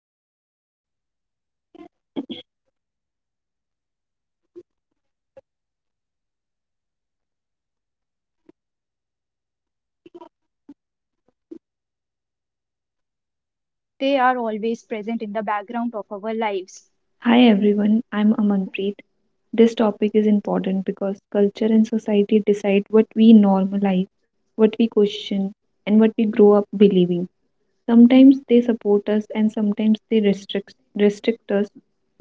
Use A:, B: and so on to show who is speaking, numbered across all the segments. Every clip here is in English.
A: Welcome back to our podcast. I am Avantika, and today we are talking about culture and society, two things that quietly shape our thinking, our behavior, and even our dreams. We often don't notice their influence, but they are always present in the background of our
B: Hi
A: lives.
B: everyone, I'm Amanpreet. This topic is important because culture and society decide what we normalize, what we question, and what we grow up believing. Sometimes they support us and sometimes they restrict us,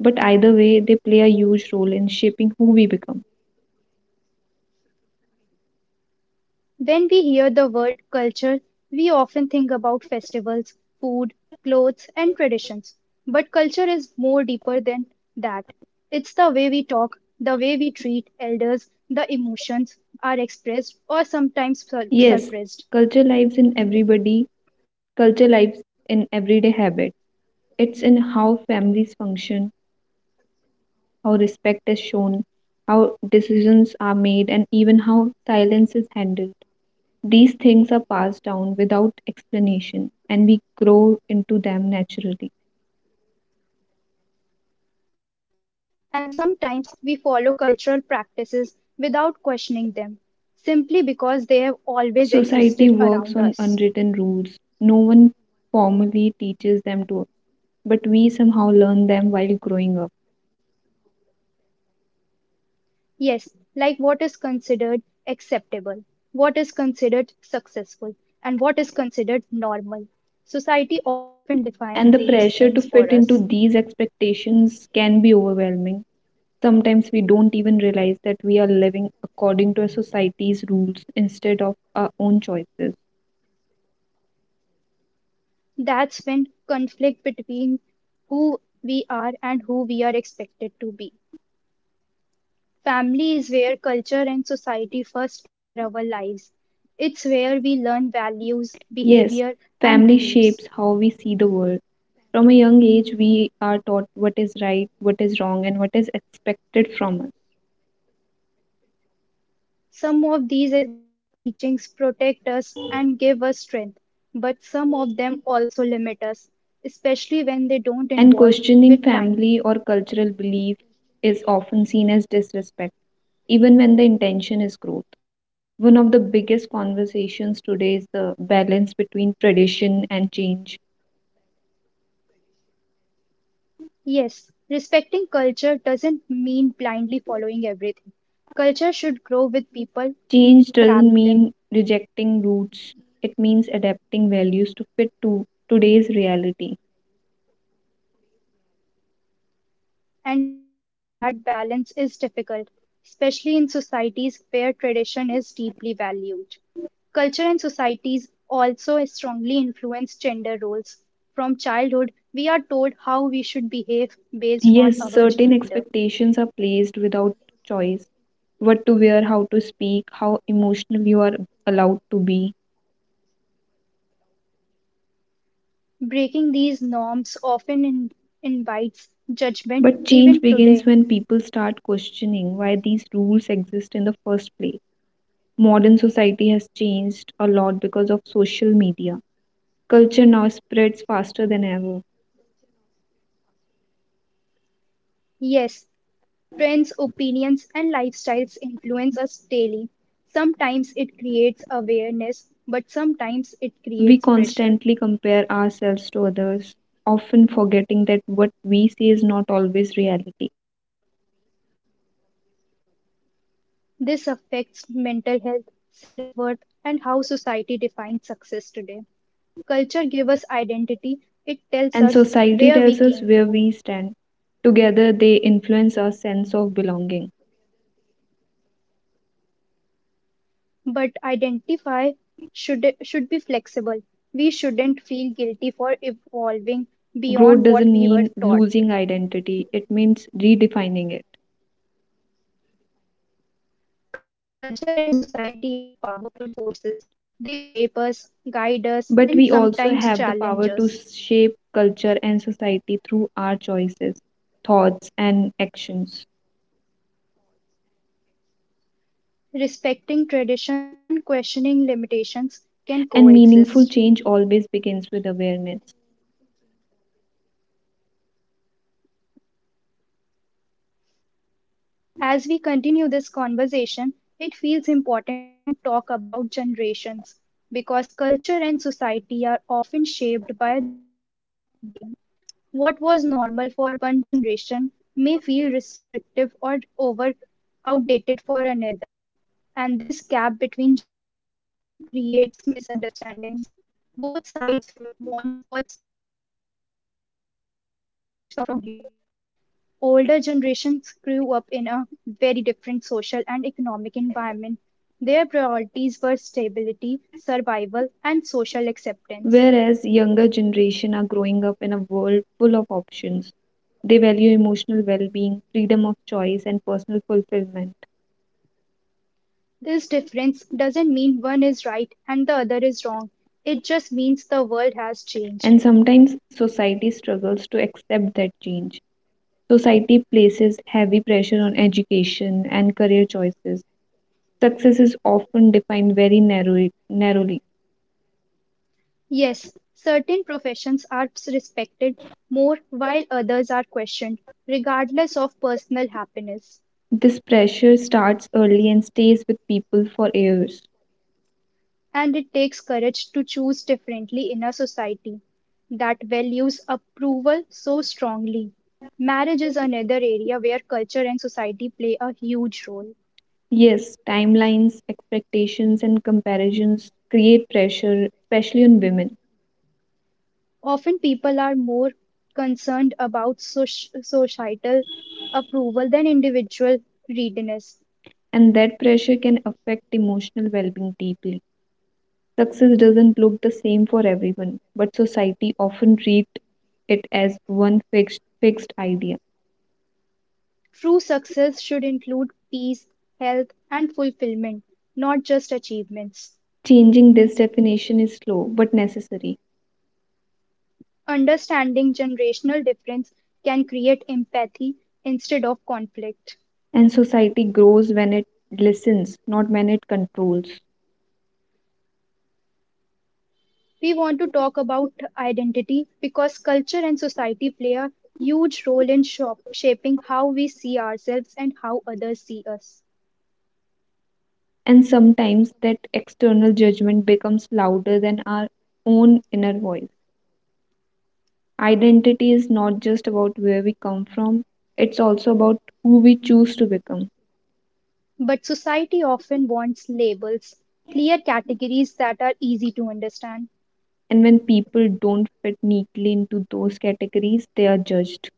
B: but either way, they play a huge role in shaping who we become.
A: When we hear the word culture, we often think about festivals, food, clothes, and traditions. But culture is more deeper than that. It's the way we talk, the way we treat elders, the emotions are expressed or
B: Yes,
A: sometimes
B: culture
A: suppressed.
B: lives in everybody, culture lives in everyday habits. It's in how families function, how respect is shown, how decisions are made, and even how silence is handled. These things are passed down without explanation, and we grow into them naturally.
A: And sometimes we follow cultural practices without questioning them, simply because they have always
B: Society
A: existed
B: works
A: around
B: on
A: us.
B: unwritten rules. No one formally teaches them to us, but we somehow learn them while growing up.
A: Yes, like what is considered acceptable, what is considered successful, and what is considered normal. Society often defines
B: And the
A: these
B: pressure
A: things
B: to
A: for
B: fit
A: us.
B: into these expectations can be overwhelming. Sometimes we don't even realize that we are living according to a society's rules instead of our own choices.
A: That's when conflict between who we are and who we are expected to be. Family is where culture and society first enter our lives. It's where we learn values, behavior,
B: Yes,
A: and
B: family
A: beliefs.
B: shapes how we see the world. From a young age, we are taught what is right, what is wrong, and what is expected from us.
A: Some of these teachings protect us and give us strength, but some of them also limit us, especially when they don't evolve
B: And
A: with
B: questioning
A: time.
B: family or cultural belief is often seen as disrespect, even when the intention is growth. One of the biggest conversations today is the balance between tradition and change.
A: Yes, respecting culture doesn't mean blindly following everything. Culture should grow with people, not
B: Change
A: trap
B: doesn't
A: them.
B: mean rejecting roots, it means adapting values to fit to today's reality.
A: And finding that balance is difficult, especially in societies where tradition is deeply valued. Culture and societies also strongly influence gender roles. From childhood, we are told how we should behave based
B: Yes,
A: on
B: certain
A: our gender.
B: expectations are placed without choice. What to wear, how to speak, how emotional you are allowed to be.
A: Breaking these norms often invites judgment
B: But change
A: even today.
B: begins when people start questioning why these rules exist in the first place. Modern society has changed a lot because of social media. Culture now spreads faster than ever.
A: Yes, trends, opinions, and lifestyles influence us daily. Sometimes it creates awareness, but sometimes
B: We
A: it creates
B: constantly
A: pressure.
B: compare ourselves to others, often forgetting that what we see is not always reality.
A: This affects mental health, self worth, and how society defines success today. Culture gives us identity, it tells
B: And
A: us
B: society
A: where we
B: tells us
A: came
B: where
A: from.
B: we stand. Together, they influence our sense of belonging.
A: But identify should be flexible. We shouldn't feel guilty for evolving
B: Growth
A: beyond
B: doesn't
A: what we
B: mean
A: were taught.
B: losing identity, it means redefining it.
A: Culture and society are powerful forces. They shape us, guide us, and
B: But we
A: sometimes
B: also have the
A: challenge
B: power
A: us.
B: to shape culture and society through our choices, thoughts, and actions.
A: Respecting traditions and questioning limitations can
B: And
A: coexist.
B: meaningful change always begins with awareness.
A: As we continue this conversation, it feels important to talk about generations because culture and society are often shaped by generational thinking. What was normal for one generation may feel restrictive or over outdated for another, and this gap between generation often creates misunderstandings. Both sides want what's best, but their definitions of best come from very different experiences. Older generations grew up in a very different social and economic environment. Their priorities were stability, survival, and social acceptance.
B: Whereas younger generation are growing up in a world full of options, they value emotional well-being, freedom of choice, and personal fulfillment.
A: This difference doesn't mean one is right and the other is wrong. It just means the world has changed.
B: And sometimes society struggles to accept that change. Society places heavy pressure on education and career choices. Success is often defined narrowly.
A: Yes, certain professions are respected more while others are questioned, regardless of personal happiness.
B: This pressure starts early and stays with people for years.
A: And it takes courage to choose differently in a society that values approval so strongly. Marriage is another area where culture and society play a huge role.
B: Yes, timelines, expectations, and comparisons create pressure, especially on women,
A: Often people are more concerned about societal approval than individual readiness.
B: and that pressure can affect emotional well being deeply. Success doesn't look the same for everyone, but society often treats it as one fixed idea.
A: True success should include peace, health, and fulfillment, not just achievements.
B: Changing this definition is slow but necessary,
A: Understanding generational difference can create empathy instead of conflict.
B: and society grows when it listens, not when it controls.
A: We want to talk about identity because culture and society play a huge role in shaping how we see ourselves and how others see us.
B: And sometimes that external judgment becomes louder than our own inner voice. Identity is not just about where we come from, it's also about who we choose to become.
A: But society often wants labels, clear categories that are easy to understand.
B: And when people don't fit neatly into those categories, they are judged.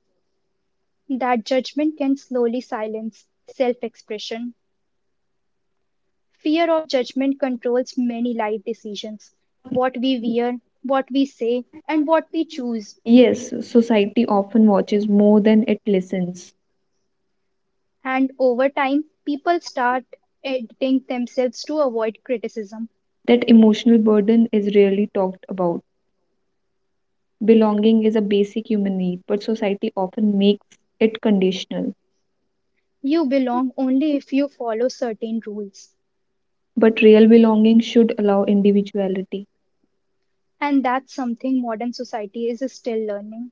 A: That judgment can slowly silence self expression. Fear of judgment controls many life decisions: what we wear, what we say, and what we choose.
B: Yes, society often watches more than it listens.
A: And over time, people start editing themselves to avoid criticism.
B: That emotional burden is rarely talked about. Belonging is a basic human need, but society often makes it conditional.
A: You belong only if you follow certain rules.
B: But real belonging should allow individuality,
A: And that's something modern society is still learning.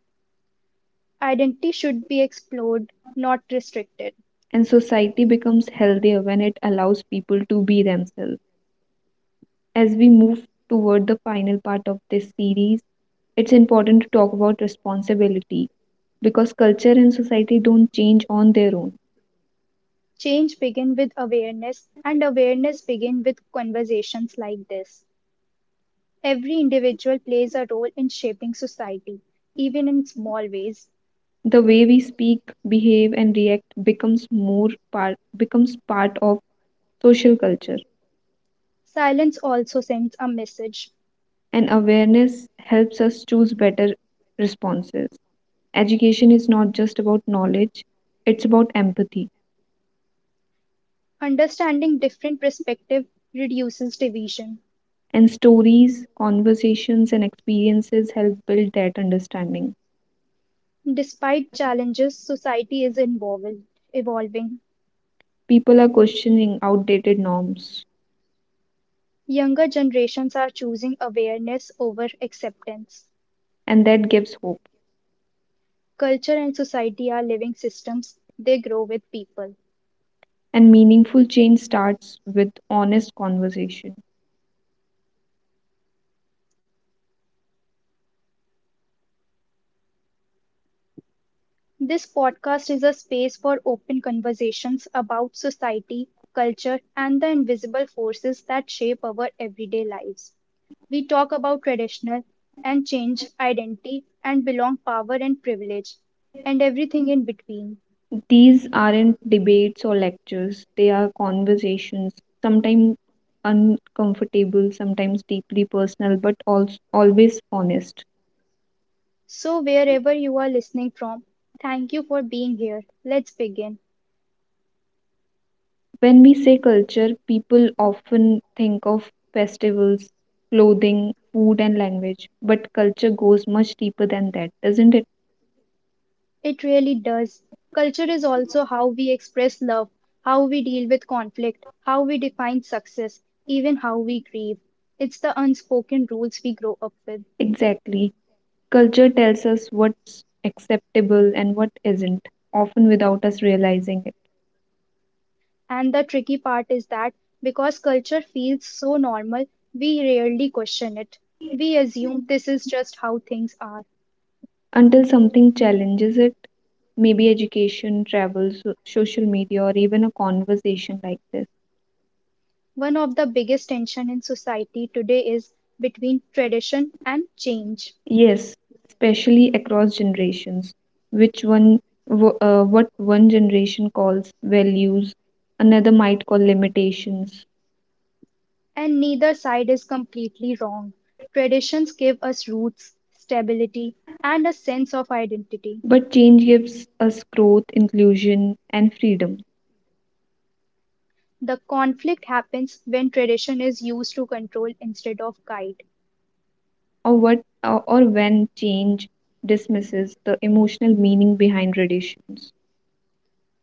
A: Identity should be explored, not restricted.
B: and society becomes healthier when it allows people to be themselves. As we move toward the final part of this series, it's important to talk about responsibility because culture and society don't change on their own.
A: Change begins with awareness, and awareness begins with conversations like this. Every individual plays a role in shaping society, even in small ways.
B: The way we speak, behave, and react becomes part of social culture,
A: Silence also sends a message.
B: and awareness helps us choose better responses. Education is not just about knowledge; it's about empathy.
A: Understanding different perspectives reduces division.
B: And stories, conversations, and experiences help build that understanding.
A: Despite challenges, society is involved, evolving.
B: People are questioning outdated norms,
A: Younger generations are choosing awareness over acceptance.
B: and that gives hope.
A: Culture and society are living systems, they grow with people.
B: And meaningful change starts with honest conversation.
A: This podcast is a space for open conversations about society, culture, and the invisible forces that shape our everyday lives. We talk about traditional and change, identity and belong, power and privilege, and everything in between.
B: These aren't debates or lectures, they are conversations, sometimes uncomfortable, sometimes deeply personal, but also always honest.
A: So, wherever you are listening from, thank you for being here. Let's begin.
B: When we say culture, people often think of festivals, clothing, food, and language, but culture goes much deeper than that, doesn't it?
A: It really does. Culture is also how we express love, how we deal with conflict, how we define success, even how we grieve. It's the unspoken rules we grow up with.
B: Exactly. Culture tells us what's acceptable and what isn't, often without us realizing it
A: And the tricky part is that because culture feels so normal, we rarely question it. We assume this is just how things are.
B: until something challenges it. Maybe education, travel, social media, or even a conversation like this.
A: One of the biggest tension in society today is between tradition and change.
B: Yes, especially across generations, which one, what one generation calls values, another might call limitations.
A: And neither side is completely wrong. Traditions give us roots, stability, and a sense of identity.
B: But change gives us growth, inclusion, and freedom.
A: The conflict happens when tradition is used to control instead of guide.
B: Or what, or when change dismisses the emotional meaning behind traditions.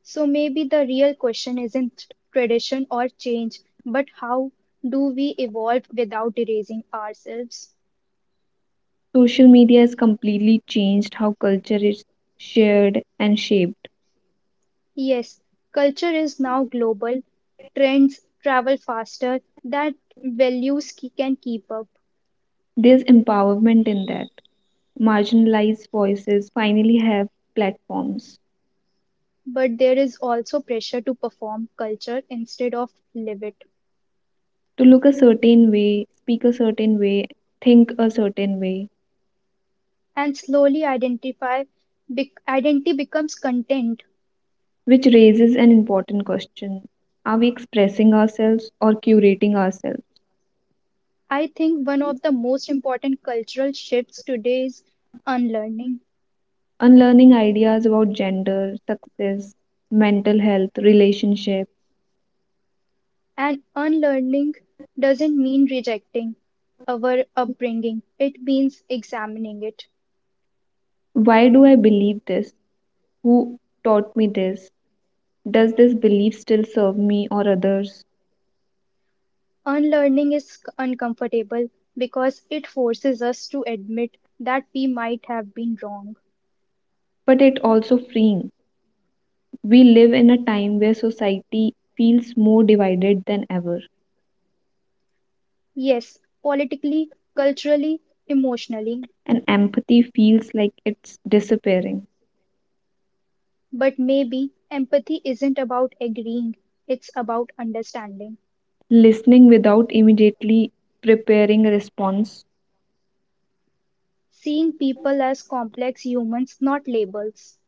A: So maybe the real question isn't tradition or change, but how do we evolve without erasing ourselves?
B: Social media has completely changed how culture is shared and shaped.
A: Yes, culture is now global, trends travel faster, that values can keep up.
B: There's empowerment in that. Marginalized voices finally have platforms
A: But there is also pressure to perform culture instead of live it.
B: to look a certain way, speak a certain way, think a certain way,
A: And slowly identify bec identity becomes content.
B: which raises an important question. Are we expressing ourselves or curating ourselves?
A: I think one of the most important cultural shifts today is unlearning.
B: Unlearning ideas about gender, success, mental health, relationship.
A: And unlearning doesn't mean rejecting our upbringing, it means examining it.
B: Why do I believe this? Who taught me this? Does this belief still serve me or others?
A: Unlearning is uncomfortable because it forces us to admit that we might have been wrong.
B: But it also freeing. We live in a time where society feels more divided than ever,
A: Yes, politically, culturally, emotionally.
B: and empathy feels like it's disappearing.
A: But maybe empathy isn't about agreeing, it's about understanding.
B: Listening without immediately preparing a response.
A: Seeing people as complex humans, not labels.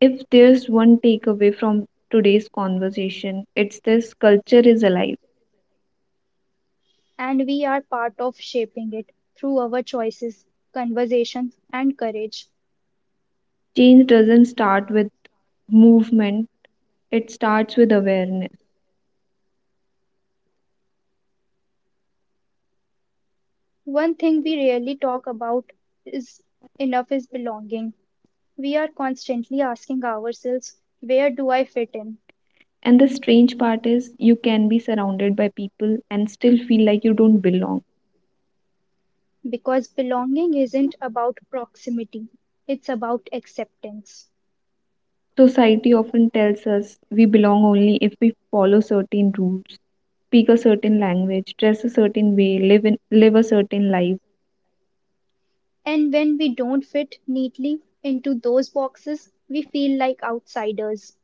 B: If there's one takeaway from today's conversation, it's this culture is alive.
A: And we are part of shaping it through our choices, conversations, and courage.
B: Change doesn't start with movement, it starts with awareness.
A: One thing we rarely talk about is is belonging. We are constantly asking ourselves, where do I fit in?
B: And the strange part is, you can be surrounded by people and still feel like you don't belong.
A: Because belonging isn't about proximity, it's about acceptance.
B: Society often tells us we belong only if we follow certain rules, speak a certain language, dress a certain way, live a certain life.
A: And when we don't fit neatly into those boxes, we feel like outsiders,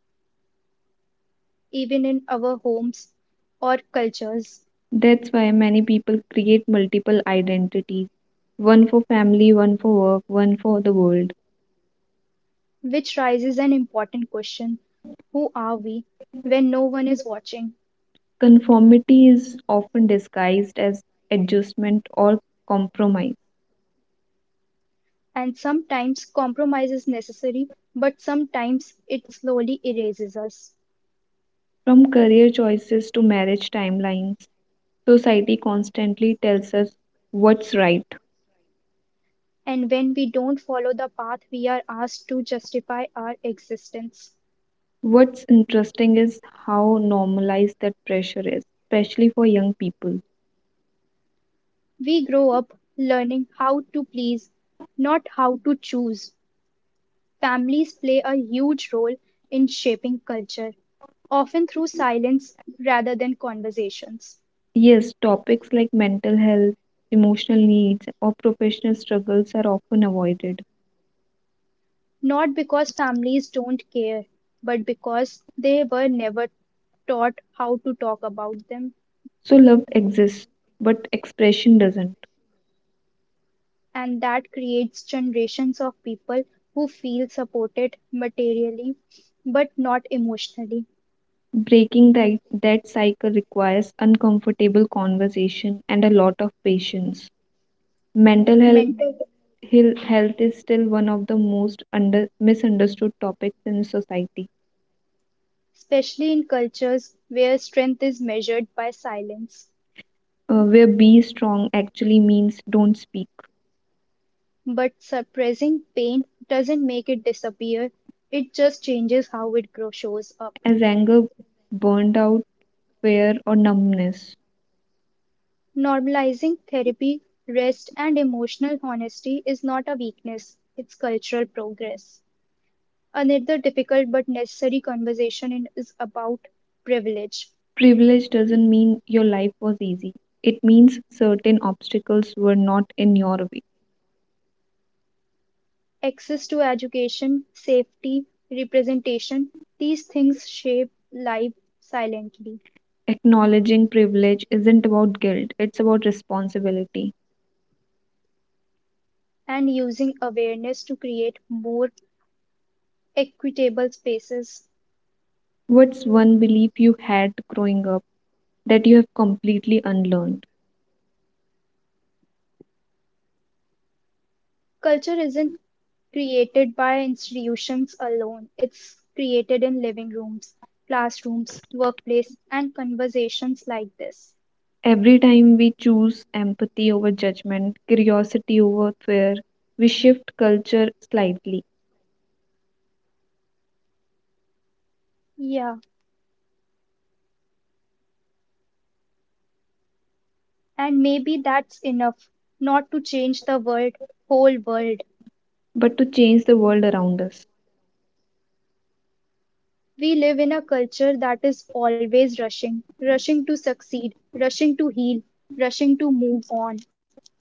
A: even in our homes or cultures,
B: That's why many people create multiple identities, one for family, one for work, one for the world.
A: which raises an important question: who are we when no one is watching?
B: Conformity is often disguised as adjustment or compromise.
A: And sometimes compromise is necessary, but sometimes it slowly erases us.
B: From career choices to marriage timelines, society constantly tells us what's right.
A: And when we don't follow the path, we are asked to justify our existence.
B: What's interesting is how normalized that pressure is, especially for young people.
A: We grow up learning how to please, not how to choose. Families play a huge role in shaping culture, often through silence rather than conversations.
B: Yes, topics like mental health, emotional needs, or professional struggles are often avoided.
A: Not because families don't care, but because they were never taught how to talk about them,
B: So, love exists, but expression doesn't.
A: and that creates generations of people who feel supported materially but not emotionally.
B: Breaking that cycle requires uncomfortable conversation and a lot of patience. Mental health,
A: Mental.
B: health is still one of the most under, misunderstood topics in society,
A: Especially in cultures where strength is measured by silence.
B: where be strong actually means don't speak
A: But suppressing pain doesn't make it disappear, it just changes how it shows up.
B: as anger, burned out, fear, or numbness.
A: Normalizing therapy, rest, and emotional honesty is not a weakness, it's cultural progress. Another difficult but necessary conversation is about privilege.
B: Privilege doesn't mean your life was easy, it means certain obstacles were not in your way.
A: Access to education, safety, representation, these things shape life silently,
B: Acknowledging privilege isn't about guilt, it's about responsibility.
A: and using awareness to create more equitable spaces.
B: What's one belief you had growing up that you have completely unlearned?
A: Culture isn't created by institutions alone, it's created in living rooms, classrooms, workplace, and conversations like this.
B: Every time we choose empathy over judgment, curiosity over fear, we shift culture slightly,
A: Yeah, and maybe that's enough not to change whole world.
B: but to change the world around us.
A: We live in a culture that is always rushing, rushing to succeed, rushing to heal, rushing to move on.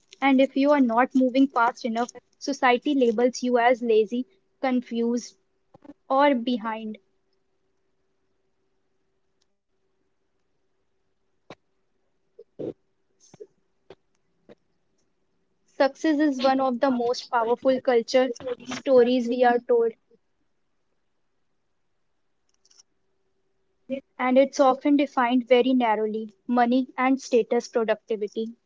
A: And if you are not moving fast enough, society labels you as lazy, confused, or behind. Success is one of the most powerful culture stories we are told, and it's often defined very narrowly: money and status productivity.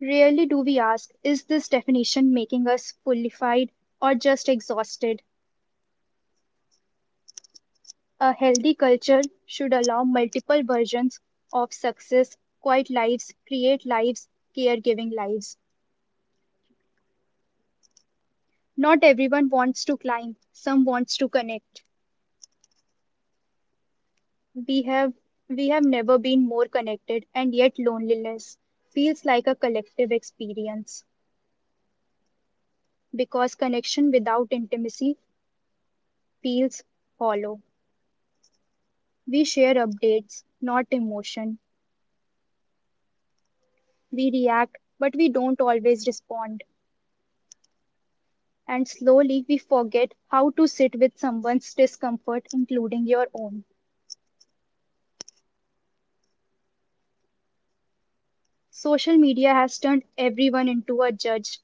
A: Rarely do we ask, is this definition making us fullified or just exhausted? A healthy culture should allow multiple versions of success: quiet lives, create lives, caregiving lives. Not everyone wants to climb, some wants to connect. We have we have never been more connected and yet loneliness feels like a collective experience because connection without intimacy feels hollow. We share updates, not emotion. We react, but we don't always respond. And slowly we forget how to sit with someone's discomfort, including your own. Social media has turned everyone into a judge.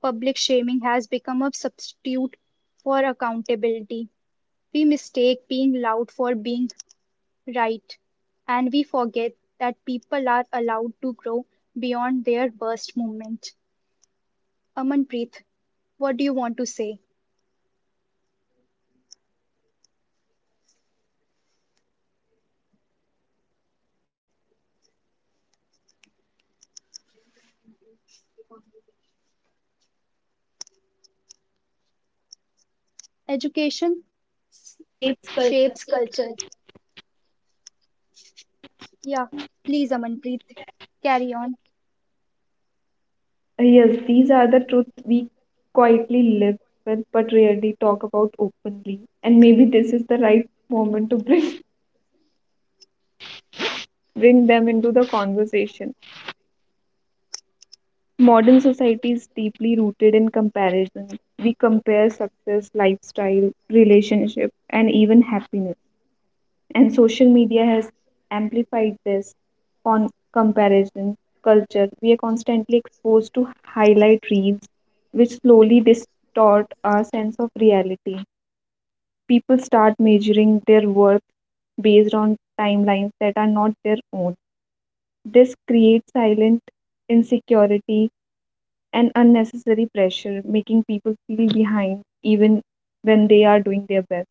A: Public shaming has become a substitute for accountability. We mistake being loud for being right, and we forget that people are allowed to grow beyond their worst moment. Amanpreet, what do you want to say? Education
B: Shapes culture.
A: shapes culture. Yeah, please, Amanpreet, carry on.
B: Yes, these are the truths we quietly live with but rarely talk about openly. And maybe this is the right moment to bring, bring them into the conversation. Modern society is deeply rooted in comparison. We compare success, lifestyle, relationship, and even happiness. And social media has amplified this comparison culture. We are constantly exposed to highlight reels, which slowly distort our sense of reality. People start measuring their worth based on timelines that are not their own. This creates silent insecurity and unnecessary pressure, making people feel behind even when they are doing their best.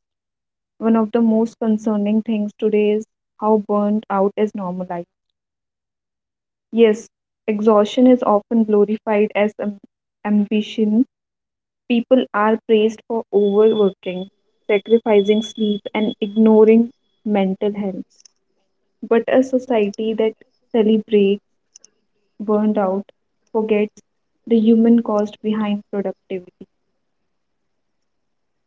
B: One of the most concerning things today is how burnt out is normalized. Yes, exhaustion is often glorified as ambition. People are praised for overworking, sacrificing sleep, and ignoring mental health. But a society that celebrates burnt out forgets the human cost behind productivity.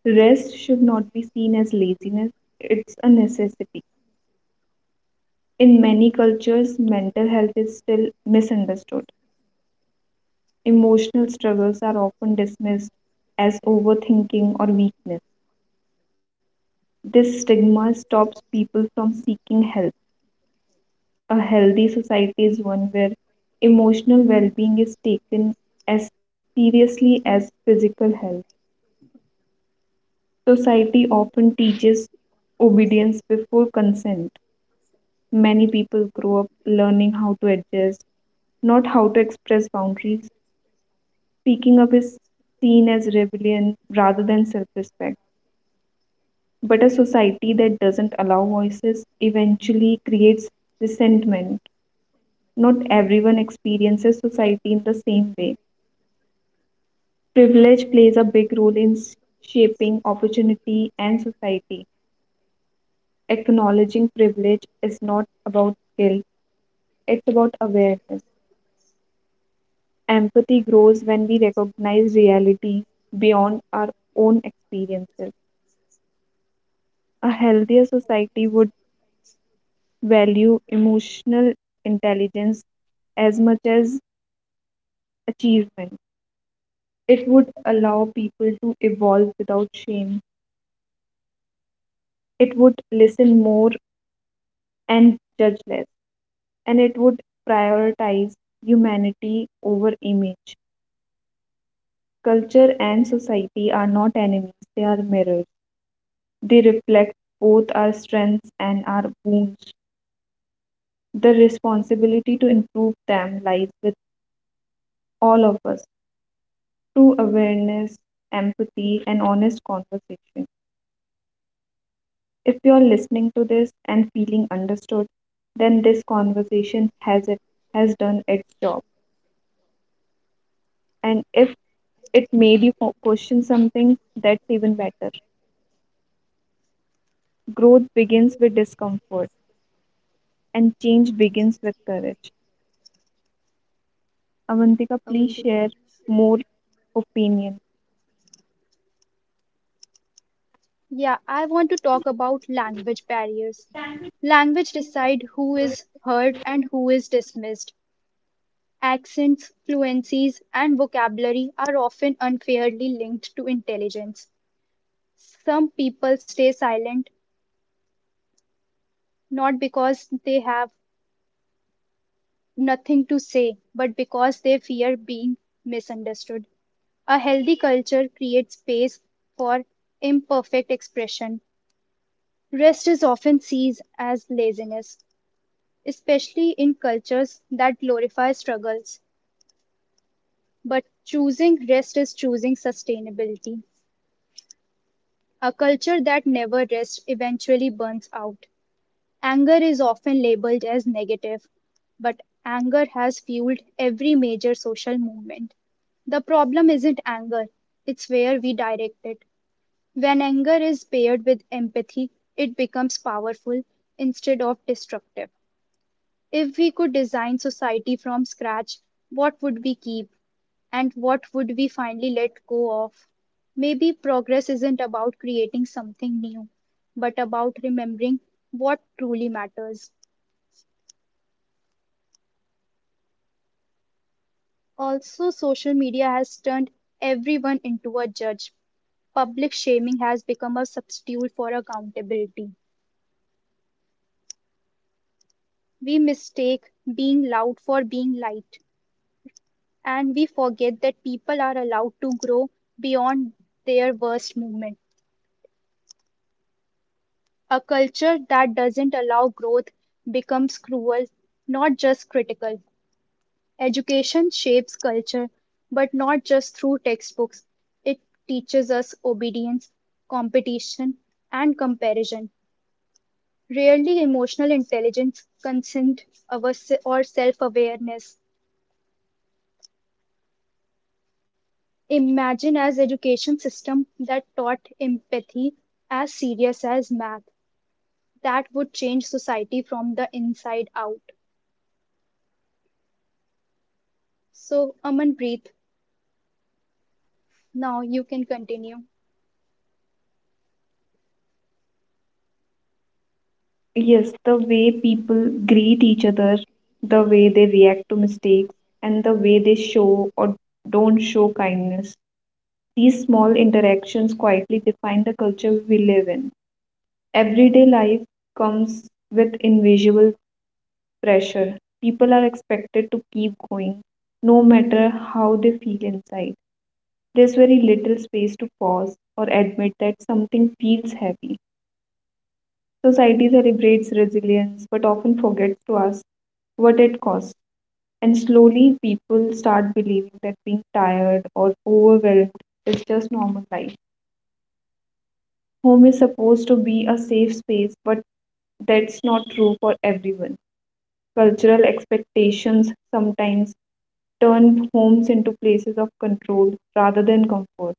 B: Rest should not be seen as laziness, it's a necessity. In many cultures, mental health is still misunderstood. Emotional struggles are often dismissed as overthinking or weakness. This stigma stops people from seeking help. A healthy society is one where emotional well being is taken as seriously as physical health. Society often teaches obedience before consent. Many people grow up learning how to adjust, not how to express boundaries. Speaking up is seen as rebellion rather than self respect. But a society that doesn't allow voices eventually creates resentment. Not everyone experiences society in the same way. Privilege plays a big role in shaping opportunity and society. Acknowledging privilege is not about guilt, it's about awareness. Empathy grows when we recognize reality beyond our own experiences. A healthier society would value emotional intelligence as much as achievement. It would allow people to evolve without shame. It would listen more and judge less. And it would prioritize humanity over image. Culture and society are not enemies, they are mirrors. They reflect both our strengths and our wounds. The responsibility to improve them lies with all of us, through awareness, empathy, and honest conversation. If you're listening to this and feeling understood, then this conversation has done its job. And if it made you question something, that's even better. Growth begins with discomfort, and change begins with courage. Avantika, please
A: Avantika.
B: share more opinion.
A: Yeah, I want to talk about language barriers. Language decide who is heard and who is dismissed. Accents, fluencies, and vocabulary are often unfairly linked to intelligence. Some people stay silent not because they have nothing to say, but because they fear being misunderstood. A healthy culture creates space for imperfect expression. Rest is often seen as laziness, especially in cultures that glorify struggles. But choosing rest is choosing sustainability. A culture that never rests eventually burns out. Anger is often labeled as negative, but anger has fueled every major social movement. The problem isn't anger, it's where we direct it. When anger is paired with empathy, it becomes powerful instead of destructive. If we could design society from scratch, what would we keep and what would we finally let go of? Maybe progress isn't about creating something new, but about remembering what truly matters. Also, social media has turned everyone into a judge. Public shaming has become a substitute for accountability. We mistake being loud for being light, and we forget that people are allowed to grow beyond their worst moment. A culture that doesn't allow growth becomes cruel, not just critical. Education shapes culture, but not just through textbooks. It teaches us obedience, competition, and comparison. Rarely emotional intelligence, consent, or self-awareness. Imagine as education system that taught empathy as serious as math. That would change society from the inside out. So, Amanpreet, now you can continue.
B: Yes, the way people greet each other, the way they react to mistakes, and the way they show or don't show kindness. These small interactions quietly define the culture we live in. Everyday life comes with invisible pressure. People are expected to keep going, no matter how they feel inside. There's very little space to pause or admit that something feels heavy. Society celebrates resilience but often forgets to ask what it costs. And slowly, people start believing that being tired or overwhelmed is just normal life. Home is supposed to be a safe space, but that's not true for everyone. Cultural expectations sometimes turn homes into places of control rather than comfort.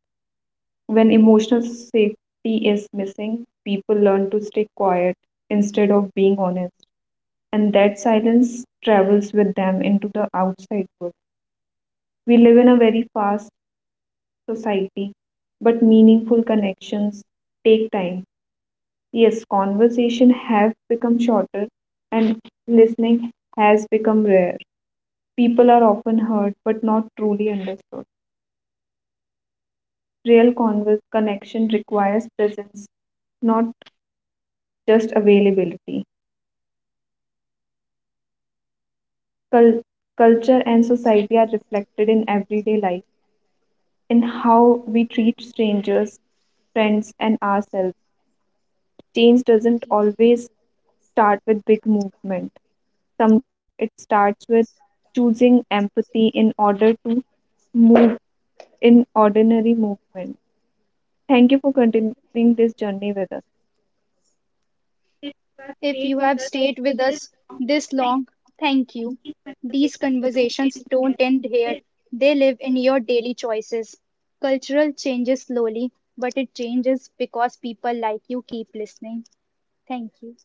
B: When emotional safety is missing, people learn to stay quiet instead of being honest, and that silence travels with them into the outside world. We live in a very fast society, but meaningful connections take time. Yes, conversation have become shorter and listening has become rare. People are often heard but not truly understood. Real converse connection requires presence, not just availability. Cul- Culture and society are reflected in everyday life, in how we treat strangers, friends, and ourselves. Change doesn't always start with big movement. Sometimes it starts with choosing empathy in order to move in ordinary movement. Thank you for continuing this journey with us. If you have
A: If
B: stayed
A: you
B: with
A: have
B: us
A: stayed with
B: this
A: us
B: long,
A: this
B: thank you.
A: long, thank you.
B: These
A: These
B: conversations don't end
A: conversations don't
B: here.
A: end
B: They
A: here, they live in your daily choices. Cultural changes slowly, but it changes because people like you keep listening. Thank you.